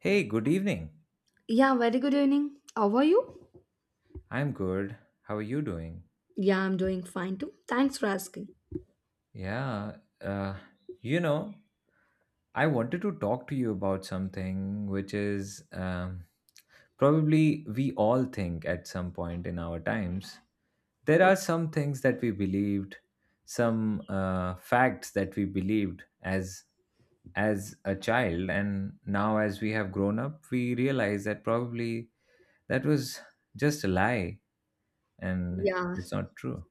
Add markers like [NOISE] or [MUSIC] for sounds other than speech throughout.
Hey, good evening. Yeah, very good evening. How are you? I'm good. How are you doing? Yeah, I'm doing fine too. Thanks for asking. Yeah, you know, I wanted to talk to you about something which is probably we all think at some point in our times. There Oh, are some things that we believed, some facts that we believed as a child, and now as we have grown up, we realize that probably that was just a lie and yeah, it's not true.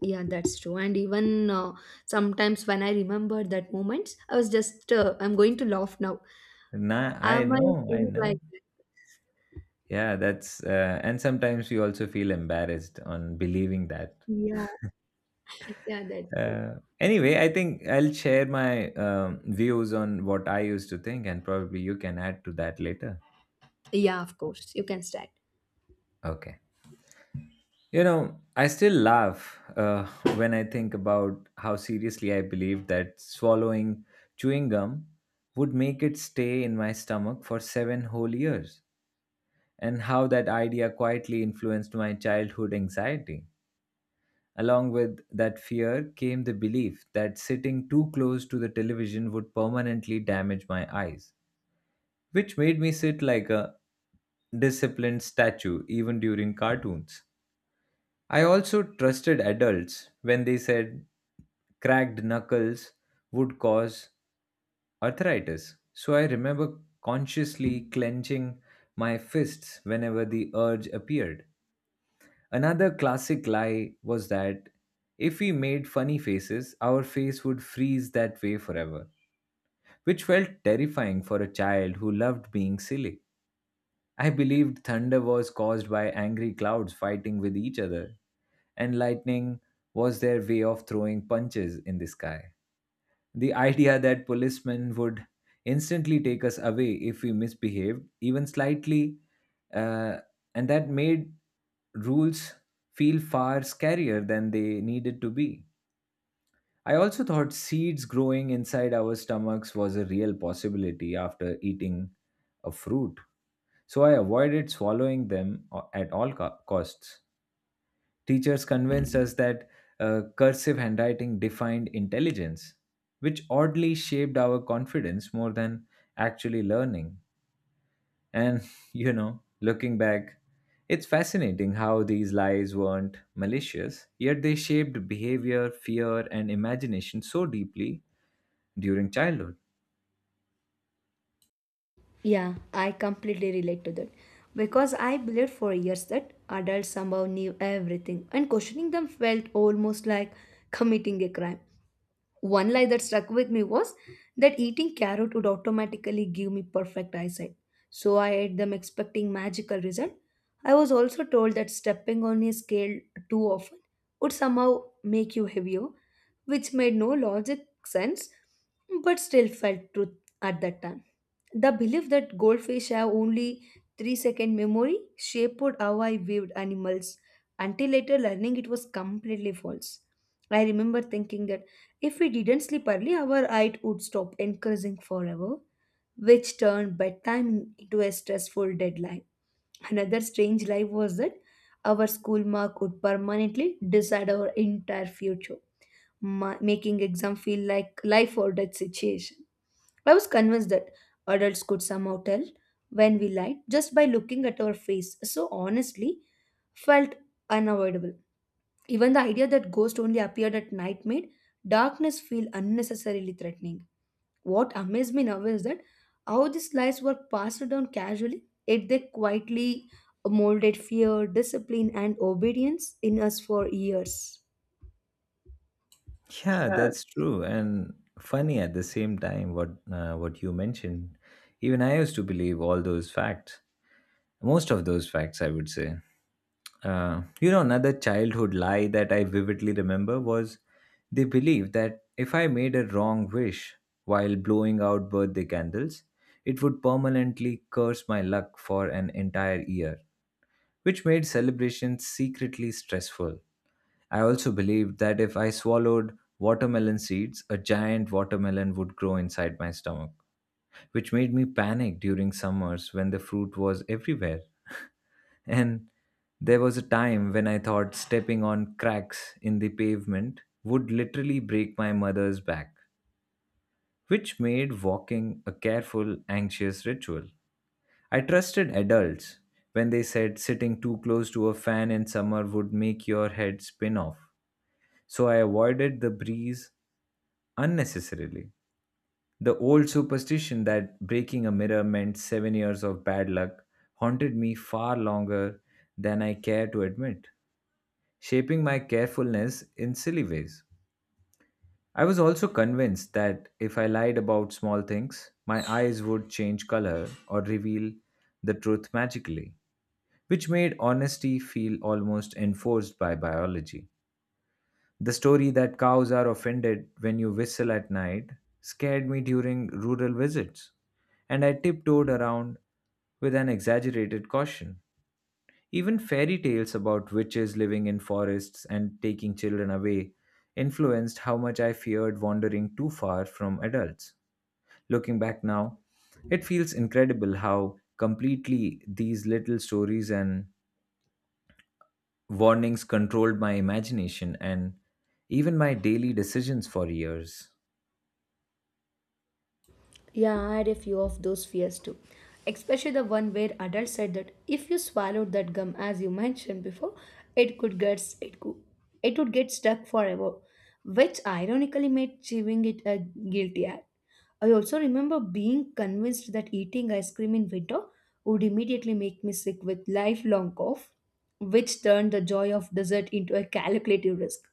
yeah, that's true. And even sometimes when I remember that moments, I was just I'm going to laugh now. Nah, I Am I know, I think like know. that? Yeah, that's and sometimes you also feel embarrassed on believing that. Yeah, yeah, that. Anyway, I think I'll share my views on what I used to think, and probably you can add to that later. Yeah, of course, you can start. Okay. You know, I still laugh [LAUGHS] when I think about how seriously I believed that swallowing chewing gum would make it stay in my stomach for 7 whole years, and how that idea quietly influenced my childhood anxiety. Along with that fear came the belief that sitting too close to the television would permanently damage my eyes, which made me sit like a disciplined statue even during cartoons. I also trusted adults when they said cracked knuckles would cause arthritis. So I remember consciously clenching my fists whenever the urge appeared. Another classic lie was that if we made funny faces, our face would freeze that way forever, which felt terrifying for a child who loved being silly. I believed thunder was caused by angry clouds fighting with each other, and lightning was their way of throwing punches in the sky. The idea that policemen would instantly take us away if we misbehaved, even slightly, uh, and that made rules feel far scarier than they needed to be. I also thought seeds growing inside our stomachs was a real possibility after eating a fruit, so I avoided swallowing at all costs. Teachers convinced us that cursive handwriting defined intelligence, which oddly shaped our confidence more than actually learning. And, [LAUGHS] looking back, it's fascinating how these lies weren't malicious, yet they shaped behavior, fear, and imagination so deeply during childhood. Yeah, I completely relate to that. Because I believed for years that adults somehow knew everything, and questioning them felt almost like committing a crime. One lie that stuck with me was that eating carrot would automatically give me perfect eyesight. So I ate them expecting magical result. I was also told that stepping on a scale too often would somehow make you heavier, which made no logic sense but still felt truth at that time. The belief that goldfish have only 3-second memory shaped how I viewed animals until later learning it was completely false. I remember thinking that if we didn't sleep early, our eye would stop increasing forever, which turned bedtime into a stressful deadline. Another strange lie was that our school mark would permanently decide our entire future, making exam feel like life or death situation. I was convinced that adults could somehow tell when we lied just by looking at our face. So honestly, felt unavoidable. Even the idea that ghosts only appeared at night made darkness feel unnecessarily threatening. What amazed me now is that how these lies were passed down casually, yet they quietly molded fear, discipline, and obedience in us for years. Yeah, that's true, and funny at the same time. What you mentioned, even I used to believe all those facts, most of those facts, I would say. You know, another childhood lie that I vividly remember was they believed that if I made a wrong wish while blowing out birthday candles, it would permanently curse my luck for an entire year, which made celebrations secretly stressful. I also believed that if I swallowed watermelon seeds, a giant watermelon would grow inside my stomach, which made me panic during summers when the fruit was everywhere. And there was a time when I thought stepping on cracks in the pavement would literally break my mother's back, which made walking a careful, anxious ritual. I trusted adults when they said sitting too close to a fan in summer would make your head spin off. So I avoided the breeze unnecessarily. The old superstition that breaking a mirror meant 7 years of bad luck haunted me far longer than I care to admit, shaping my carefulness in silly ways. I was also convinced that if I lied about small things, my eyes would change color or reveal the truth magically, which made honesty feel almost enforced by biology. The story that cows are offended when you whistle at night scared me during rural visits, and I tiptoed around with an exaggerated caution. Even fairy tales about witches living in forests and taking children away influenced how much I feared wandering too far from adults. Looking back now, it feels incredible how completely these little stories and warnings controlled my imagination and even my daily decisions for years. Yeah, I had a few of those fears too. Especially the one where adults said that if you swallowed that gum as you mentioned before, it could get it could, it would get stuck forever, which ironically made chewing it a guilty act. I also remember being convinced that eating ice cream in winter would immediately make me sick with lifelong cough, which turned the joy of dessert into a calculative risk.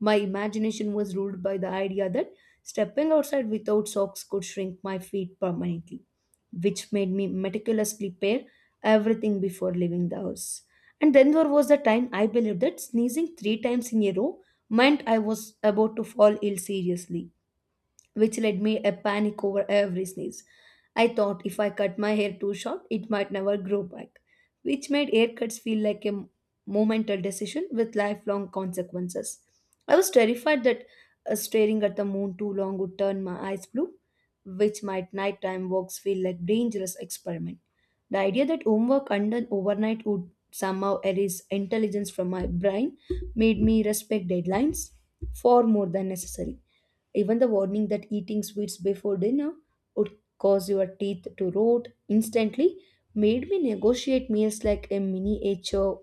My imagination was ruled by the idea that stepping outside without socks could shrink my feet permanently, which made me meticulously pair everything before leaving the house. And then there was the time I believed that sneezing three times in a row meant I was about to fall ill seriously which led me a panic over every sneeze. I thought if I cut my hair too short, it might never grow back, which made haircuts feel like a momental decision with lifelong consequences. I was terrified that staring at the moon too long would turn my eyes blue, which made nighttime walks feel like dangerous experiment. The idea that homework undone overnight would somehow erase intelligence from my brain made me respect deadlines far more than necessary. Even the warning that eating sweets before dinner would cause your teeth to rot instantly made me negotiate meals like a miniature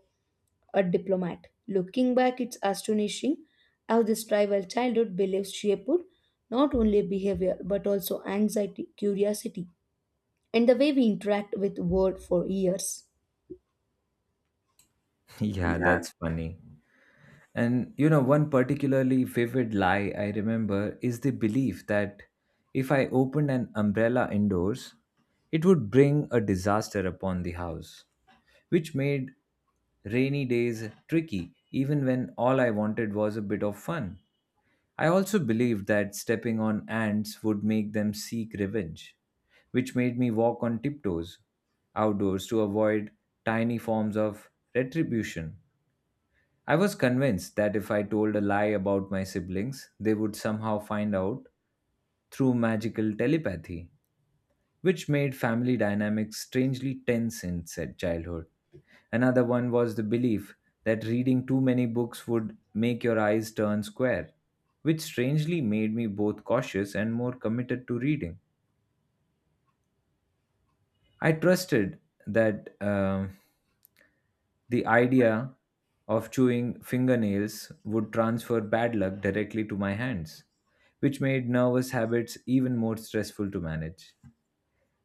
a diplomat. Looking back, it's astonishing how this tribal childhood beliefs shaped not only behavior but also anxiety, curiosity, and the way we interact with world for years. [LAUGHS] Yeah, Yeah, that's funny. And you know, one particularly vivid lie I remember is the belief that if I opened an umbrella indoors, it would bring a disaster upon the house, which made rainy days tricky, even when all I wanted was a bit of fun. I also believed that stepping on ants would make them seek revenge, which made me walk on tiptoes outdoors to avoid tiny forms of retribution. I was convinced that if I told a lie about my siblings, they would somehow find out through magical telepathy, which made family dynamics strangely tense in said childhood. Another one was the belief that reading too many books would make your eyes turn square, which strangely made me both cautious and more committed to reading. I trusted that. The idea of chewing fingernails would transfer bad luck directly to my hands, which made nervous habits even more stressful to manage.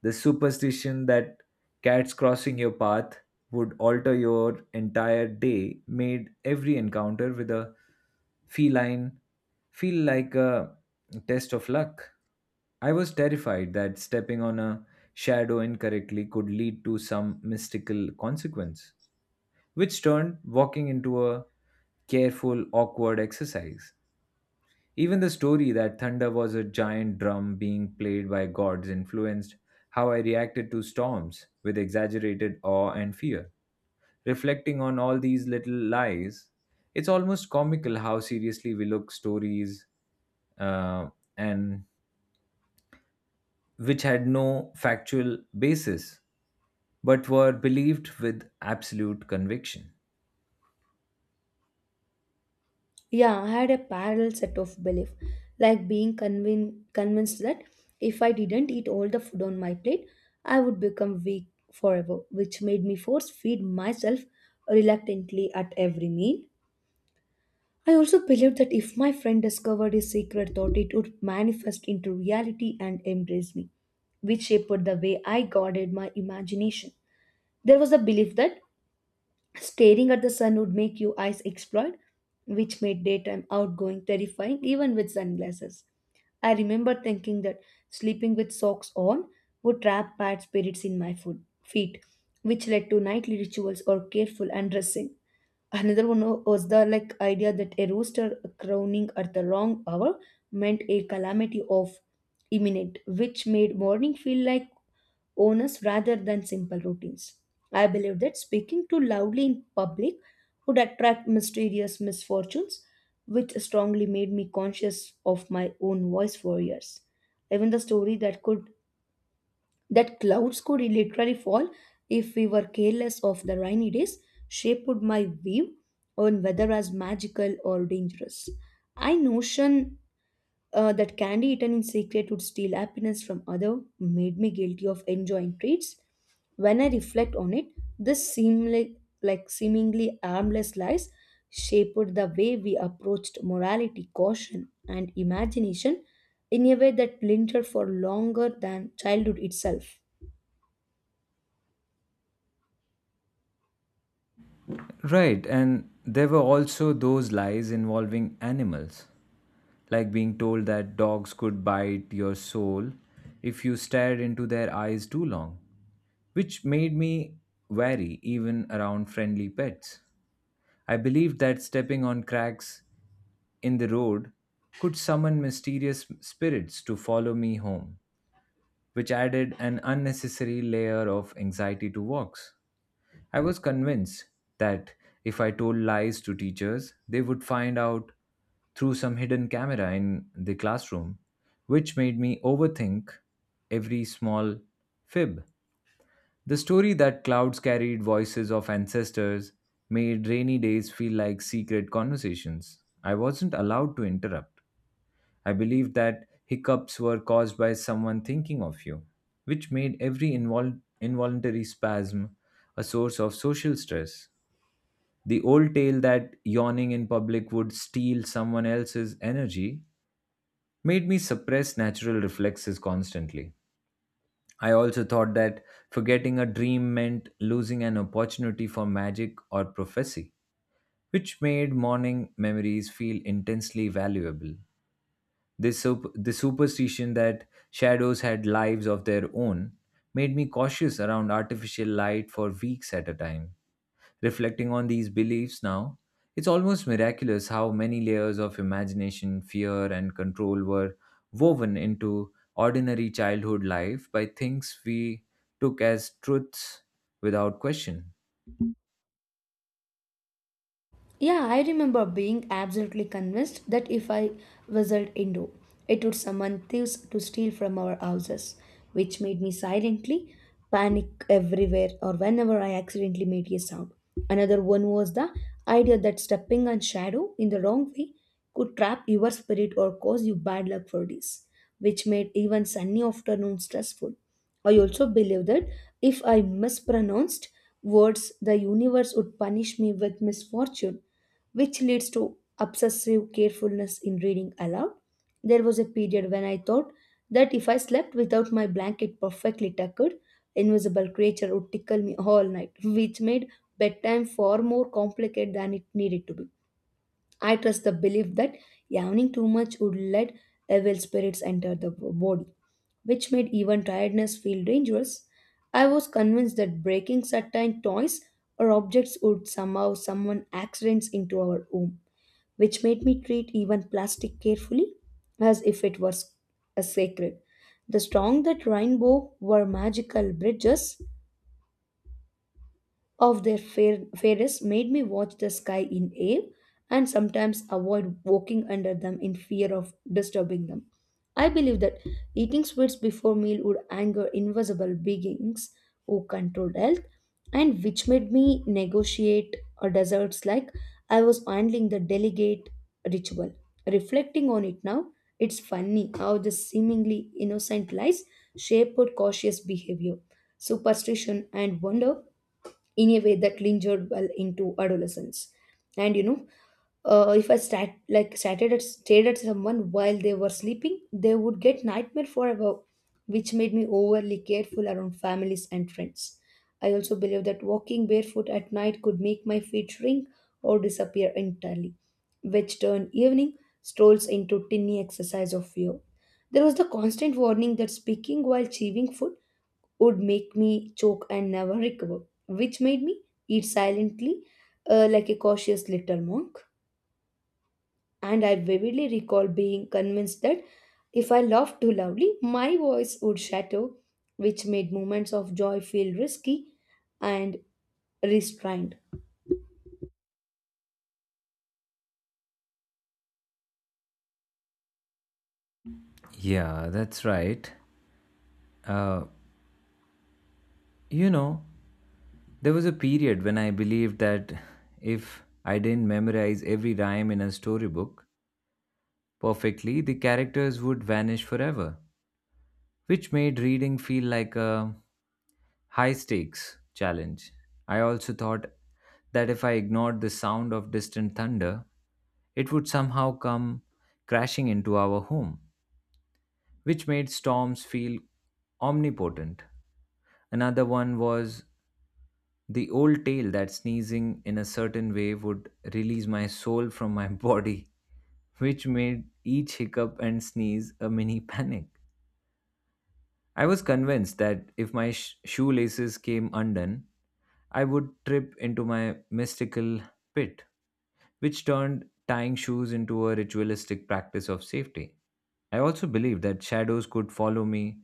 The superstition that cats crossing your path would alter your entire day made every encounter with a feline feel like a test of luck. I was terrified that stepping on a shadow incorrectly could lead to some mystical consequence, which turned walking into a careful, awkward exercise. Even the story that thunder was a giant drum being played by gods influenced how I reacted to storms with exaggerated awe and fear. Reflecting on all these little lies, it's almost comical how seriously we look stories uh, and which had no factual basis but were believed with absolute conviction. yeah, I had a parallel set of belief, like being convinced that if I didn't eat all the food on my plate, I would become weak forever, which made me force feed myself reluctantly at every meal. I also believed that if my friend discovered his secret thought, it would manifest into reality and embrace me, which shaped the way I guarded my imagination. There was a belief that staring at the sun would make your eyes explode, which made daytime outgoing terrifying even with sunglasses. I remember thinking that sleeping with socks on would trap bad spirits in my feet, which led to nightly rituals or careful undressing. Another one was the like idea that a rooster crowing at the wrong hour meant a calamity of imminent, which made morning feel like owners rather than simple routines. I believe that speaking too loudly in public would attract mysterious misfortunes, which strongly made me conscious of my own voice for years. Even the story that clouds could literally fall if we were careless of the rainy days shaped my view on whether as magical or dangerous. I notion that candy eaten in secret would steal happiness from other made me guilty of enjoying treats. When I reflect on it, this seemly, like seemingly harmless lies shaped the way we approached morality, caution, and imagination in a way that lingered for longer than childhood itself. Right, and there were also those lies involving animals, like being told that dogs could bite your soul if you stared into their eyes too long, which made me wary even around friendly pets. I believed that stepping on cracks in the road could summon mysterious spirits to follow me home, which added an unnecessary layer of anxiety to walks. I was convinced that if I told lies to teachers, they would find out through some hidden camera in the classroom, which made me overthink every small fib. The story that clouds carried voices of ancestors made rainy days feel like secret conversations I wasn't allowed to interrupt. I believed that hiccups were caused by someone thinking of you, which made every involuntary spasm a source of social stress. The old tale that yawning in public would steal someone else's energy made me suppress natural reflexes constantly. I also thought that forgetting a dream meant losing an opportunity for magic or prophecy, which made morning memories feel intensely valuable. The superstition that shadows had lives of their own made me cautious around artificial light for weeks at a time. Reflecting on these beliefs now, it's almost miraculous how many layers of imagination, fear, and control were woven into ordinary childhood life by things we took as truths without question. Yeah, I remember being absolutely convinced that if I whistled Indo, it would summon thieves to steal from our houses, which made me silently panic everywhere or whenever I accidentally made a sound. Another one was the idea that stepping on shadow in the wrong way could trap your spirit or cause you bad luck for days, which made even sunny afternoons stressful. I also believed that if I mispronounced words, the universe would punish me with misfortune which leads to obsessive carefulness in reading aloud. There was a period when I thought that if I slept without my blanket perfectly tucked, invisible creature would tickle me all night, which made bedtime far more complicated than it needed to be. I trust the belief that yawning too much would let evil spirits enter the body, which made even tiredness feel dangerous. I was convinced that breaking certain toys or objects would somehow summon accidents into our home which made me treat even plastic carefully as if it was a sacred. The strong that rainbow were magical bridges of their fairest made me watch the sky in awe and sometimes avoid walking under them in fear of disturbing them. I believe that eating sweets before meal would anger invisible beings who controlled health, and which made me negotiate desserts like I was handling the delegate ritual. Reflecting on it now, it's funny how this seemingly innocent lies shaped cautious behavior, superstition, and wonder in a way that lingered well into adolescence. And you know, if I stat like started at, stared at someone while they were sleeping, they would get nightmare forever, which made me overly careful around families and friends. I also believe that walking barefoot at night could make my feet shrink or disappear entirely, which turned evening strolls into tinny exercise of fear. There was the constant warning that speaking while chewing food would make me choke and never recover, which made me eat silently like a cautious little monk. And I vividly recall being convinced that if I laughed too loudly, my voice would shatter, which made moments of joy feel risky and restrained. Yeah, that's right. You know, there was a period when I believed that if I didn't memorize every rhyme in a storybook perfectly, the characters would vanish forever, which made reading feel like a high stakes challenge. I also thought that if I ignored the sound of distant thunder, it would somehow come crashing into our home, which made storms feel omnipotent. Another one was the old tale that sneezing in a certain way would release my soul from my [LAUGHS] body, which made each hiccup and sneeze a mini panic. I was convinced that if my shoelaces came undone, I would trip into my mystical pit, which turned tying shoes into a ritualistic practice of safety. I also believed that shadows could follow me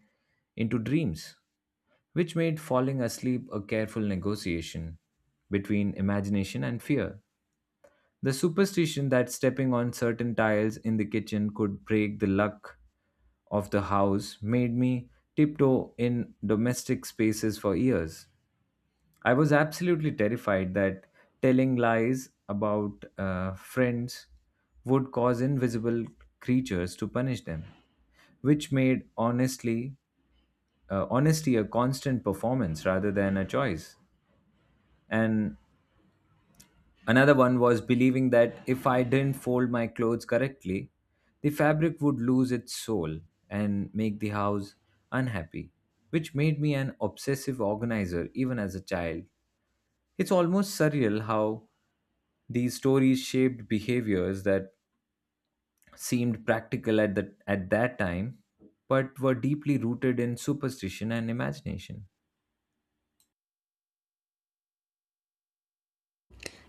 into dreams, which made falling asleep a careful negotiation between imagination and fear. The superstition that stepping on certain tiles in the kitchen could break the luck of the house made me tiptoe in domestic spaces for years. I was absolutely terrified that telling lies about friends would cause invisible creatures to punish them, which made honestly honesty a constant performance rather than a choice. And another one was believing that if I didn't fold my clothes correctly, the fabric would lose its soul and make the house unhappy, which made me an obsessive organizer even as a child. It's almost surreal how these stories shaped behaviors that seemed practical at that time but were deeply rooted in superstition and imagination.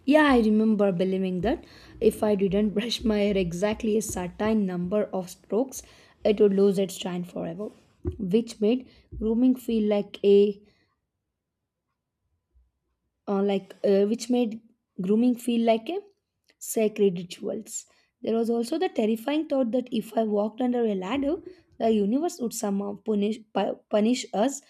Yeah, I remember believing that if I didn't brush [LAUGHS] my hair exactly a certain number of strokes, it would lose its shine forever, which made grooming feel like a like which made grooming feel like a sacred rituals. There was also the terrifying thought that if I walked under a ladder, the universe would somehow punish us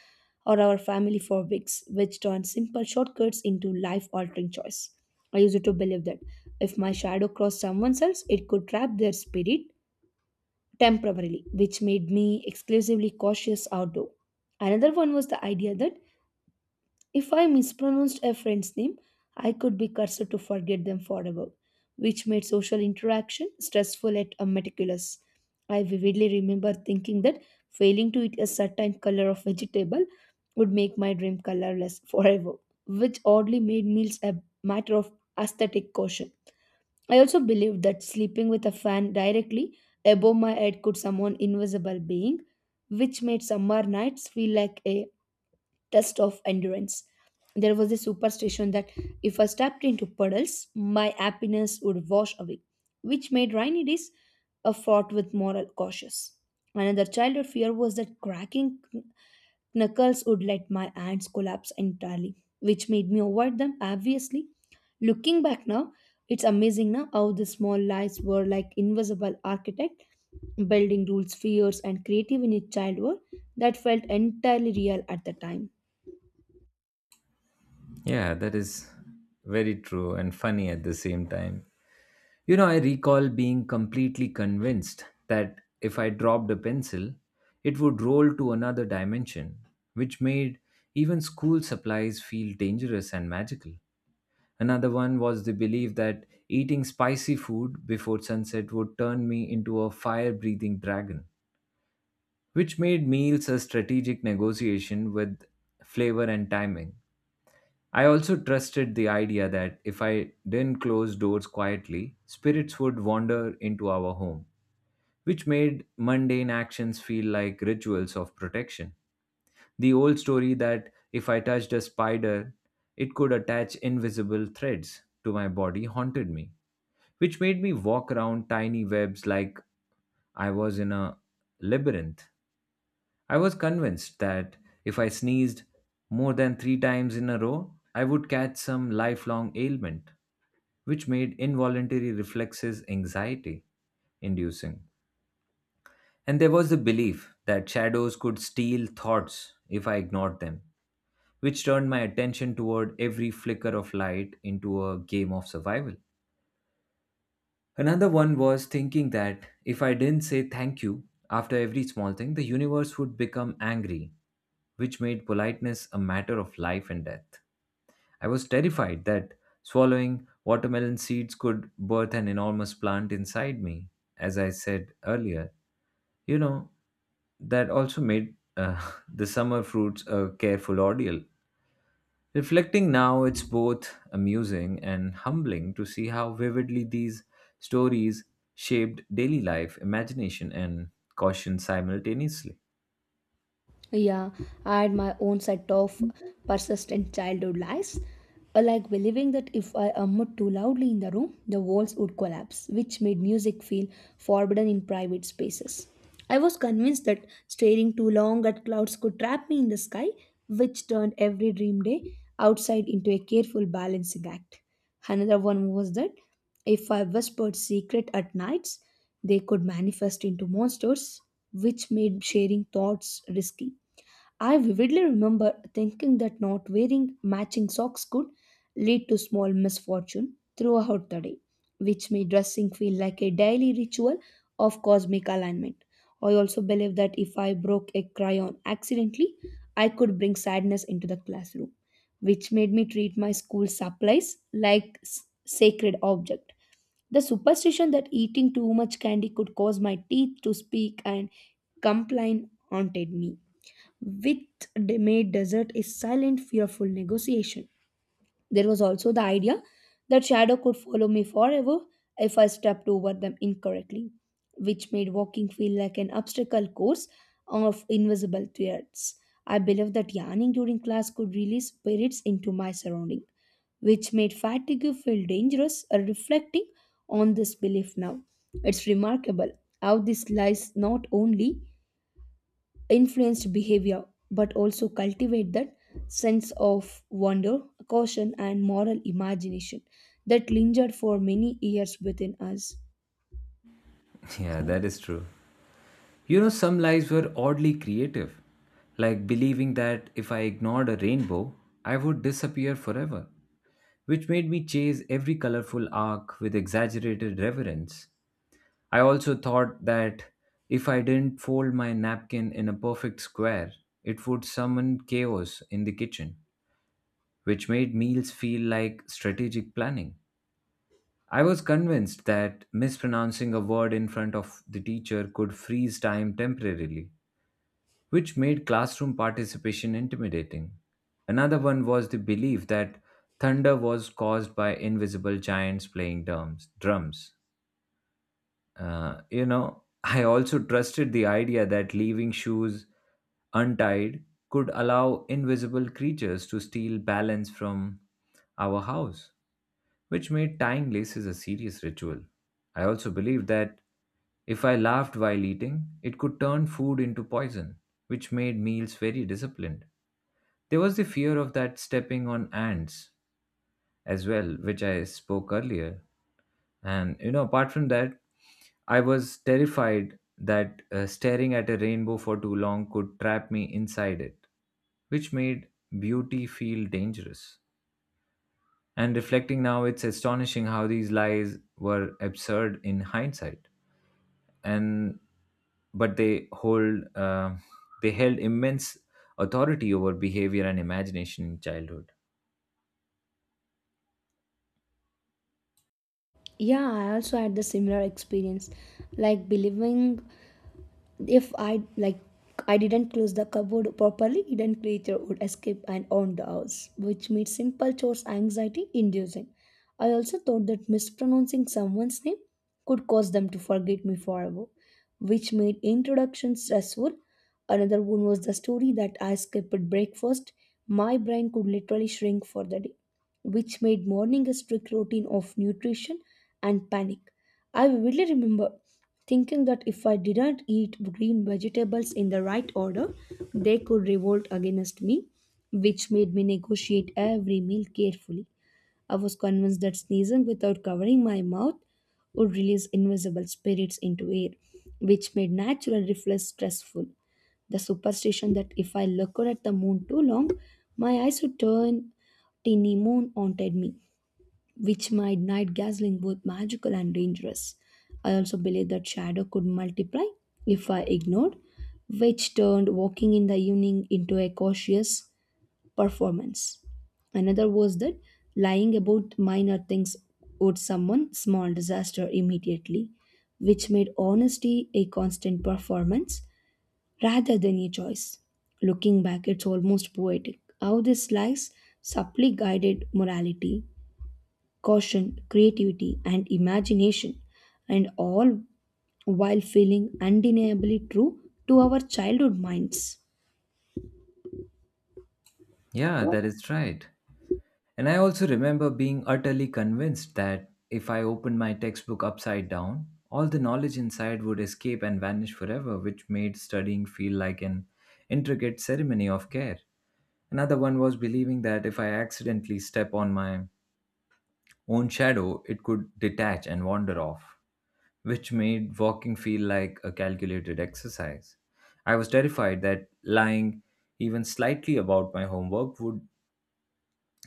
or our family for weeks, which turned simple shortcuts into life-altering choice. I used to believe that if my shadow crossed someone else, it could trap their spirit temporarily, which made me exclusively cautious outdoor. Another one was the idea that if I mispronounced a friend's name, I could be cursed to forget them forever, which made social interaction stressful yet meticulous. I vividly remember thinking that failing to eat a certain color of vegetable would make my dream colorless [LAUGHS] forever, which oddly made meals a matter of aesthetic caution. I also believed that sleeping with a fan directly above my head could summon invisible being, which made summer nights feel like a test of endurance. There was a superstition that if I stepped into puddles, my happiness would wash away, which made rainy days a fraught with moral cautious. Another childhood fear was that cracking knuckles would let my hands collapse entirely, which made me avoid them obviously. Looking back now, it's amazing now how the small lies were like invisible architect building rules, fears, and creative in a child world that felt entirely real at the time. Yeah, that is very true and funny at the same time. You know, I recall being completely convinced that if I dropped a pencil, it would roll to another dimension, which made even school supplies feel dangerous and magical. Another one was the belief that eating spicy food before sunset would turn me into a fire breathing dragon, which made meals a strategic negotiation with flavor and timing. I also trusted the idea that if I didn't close doors quietly, spirits would wander into our home, which made mundane actions feel like rituals of protection. The old story that if I touched a spider, it could attach invisible threads to my body haunted me, which made me walk around tiny webs like I was in a labyrinth. I was convinced that if I sneezed more than three times in a row, I would catch some lifelong ailment, which made involuntary reflexes anxiety inducing. And there was the belief that shadows could steal thoughts if I ignored them, which turned my attention toward every flicker of light into a game of survival. Another one was thinking that if I didn't say thank you after every small thing, the universe would become angry, which made politeness a matter of life and death. I was terrified that swallowing watermelon seeds could birth an enormous plant inside me, as I said earlier. You know, that also made [LAUGHS] the summer fruits a careful ordeal. Reflecting now, it's both amusing and humbling to see how vividly these stories shaped daily life, imagination, and caution simultaneously. Yeah, I had my own set of persistent childhood lies, like believing that if I hummed too loudly in the room, the walls would collapse, which made music feel forbidden in private spaces. I was convinced that staring too long at clouds could trap me in the sky, which turned every dream day outside into a careful balancing act. Another one was that if I whispered secret at nights, they could manifest into monsters, which made sharing thoughts risky. I vividly remember thinking that not wearing matching socks could lead to small misfortune throughout the day, which made dressing feel like a daily ritual of cosmic alignment. I also believe that if I broke a crayon accidentally, I could bring sadness into the classroom, which made me treat my school supplies like sacred object. The superstition that eating too much candy could cause my teeth to speak and complain haunted me with made desert a silent, fearful negotiation. There was also the idea that shadow could follow me forever if I stepped over them incorrectly, which made walking feel like an obstacle course of invisible threats. I believed that yarning during class could release spirits into my surrounding, which made fatigue feel dangerous. Reflecting on this belief now, it's remarkable how this lies not only influenced behavior but also cultivate that sense of wonder, caution, and moral imagination that lingered for many years within us. [LAUGHS] Yeah, that is true. You know, some lies were oddly creative, like believing that if I ignored a rainbow, I would disappear forever, which made me chase every colorful arc with exaggerated reverence. I also thought that if I didn't fold my napkin in a perfect square, it would summon chaos in the kitchen, which made meals feel like strategic planning. I was convinced that mispronouncing a word in front of the teacher could freeze time temporarily, which made classroom participation intimidating. Another one was the belief that thunder was caused by invisible giants playing drums. I also trusted the idea that leaving shoes untied could allow invisible creatures to steal balance from our house, which made tying laces a serious ritual. I also believed that if I laughed while eating, it could turn food into poison, which made meals very disciplined. There was the fear of that stepping on ants as well, which I spoke earlier, and you know, apart from that, I was terrified that staring at a rainbow for too long could trap me inside it, which made beauty feel dangerous. And reflecting now, it's astonishing how these lies were absurd in hindsight. And but they they held immense authority over behavior and imagination in childhood. Yeah, I also had the similar experience, like believing if I like I didn't close the cupboard properly, hidden creature would escape and own the house, which made simple chores anxiety inducing. I also thought that mispronouncing someone's name could cause them to forget me forever, which made introduction stressful. Another one was the story that I skipped breakfast. My brain could literally shrink for the day which made morning a strict routine of nutrition and panic. I vividly remember thinking that if I didn't eat green vegetables in the right order, they could revolt against me, which made me negotiate every meal carefully. I was convinced that sneezing without covering my mouth would release invisible spirits into air, which made natural reflex stressful. The superstition that if I looked at the moon too long, my eyes would turn tiny moon haunted me, which made night gazing both magical and dangerous. I also believed that shadow could multiply if I ignored, which turned walking in the evening into a cautious performance. Another was that lying about minor things owed someone small disaster immediately, which made honesty a constant performance rather than a choice. Looking back, it's almost poetic how this slice subtly guided morality, caution, creativity, and imagination, and all while feeling undeniably true to our childhood minds. Yeah, that is right. And I also remember being utterly convinced that if I opened my textbook upside down, all the knowledge inside would escape and vanish forever, which made studying feel like an intricate ceremony of care. Another one was believing that if I accidentally step on my own shadow, it could detach and wander off, which made walking feel like a calculated exercise. I was terrified that lying even slightly about my homework would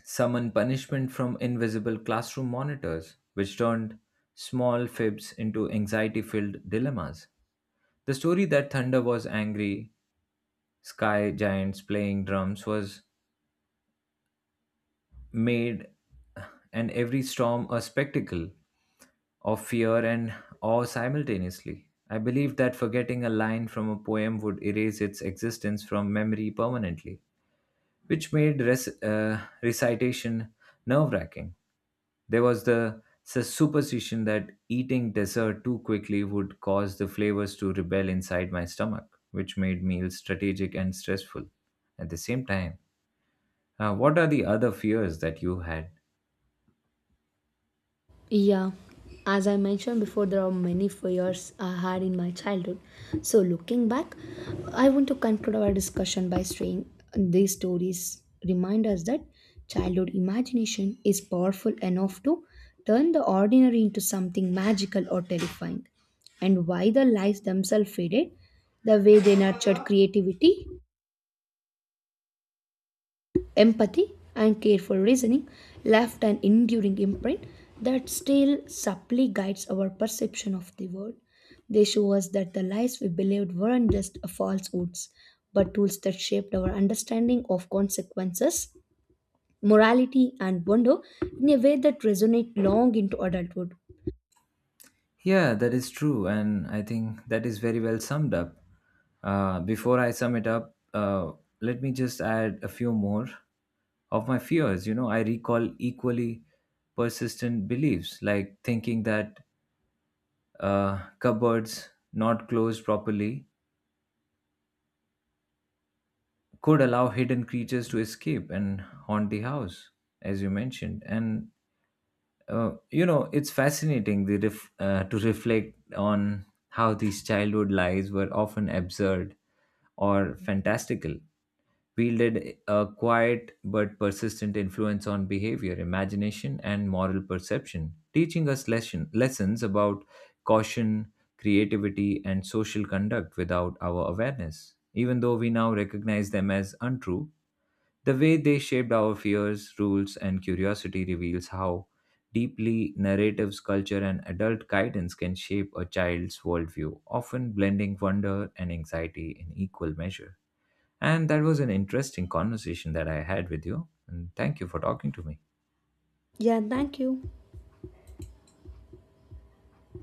summon punishment from invisible classroom monitors, which turned small fibs into anxiety filled dilemmas. The story that thunder was angry, sky giants playing drums was made, and every storm a spectacle of fear and awe simultaneously. I believe that forgetting a line from a poem would erase its existence from memory permanently, which made recitation nerve wracking. There was the superstition that eating dessert too quickly would cause the flavors to rebel inside my stomach, which made meals strategic and stressful. At the same time, what are the other fears that you had? Yeah, as I mentioned before, there are many fears I had in my childhood. So, looking back, I want to conclude our discussion by saying these stories remind us that childhood imagination is powerful enough to turn the ordinary into something magical or terrifying. And why the lies themselves faded, the way they nurtured creativity empathy and careful reasoning left an enduring imprint that still subtly guides our perception of the world. They show us that the lies we believed weren't just falsehoods, but tools that shaped our understanding of consequences, morality, and wonder in a way that resonate long into adulthood. Yeah, that is true, and I think that is very well summed up. Before I sum it up, let me just add a few more of my fears. You know, I recall equally persistent beliefs, like thinking that cupboards not closed properly could allow hidden creatures to escape and haunt the house, as you mentioned. And you know, it's fascinating the to reflect on how these childhood lies were often absurd or fantastical, wielded a quiet but persistent influence on behavior, imagination, and moral perception, teaching us lessons about caution, creativity, and social conduct without our awareness. Even though we now recognize them as untrue, the way they shaped our fears, rules, and curiosity reveals how deeply narratives, culture, and adult guidance can shape a child's worldview, often blending wonder and anxiety in equal measure. And that was an interesting conversation that I had with you. And thank you for talking to me. Yeah, thank you.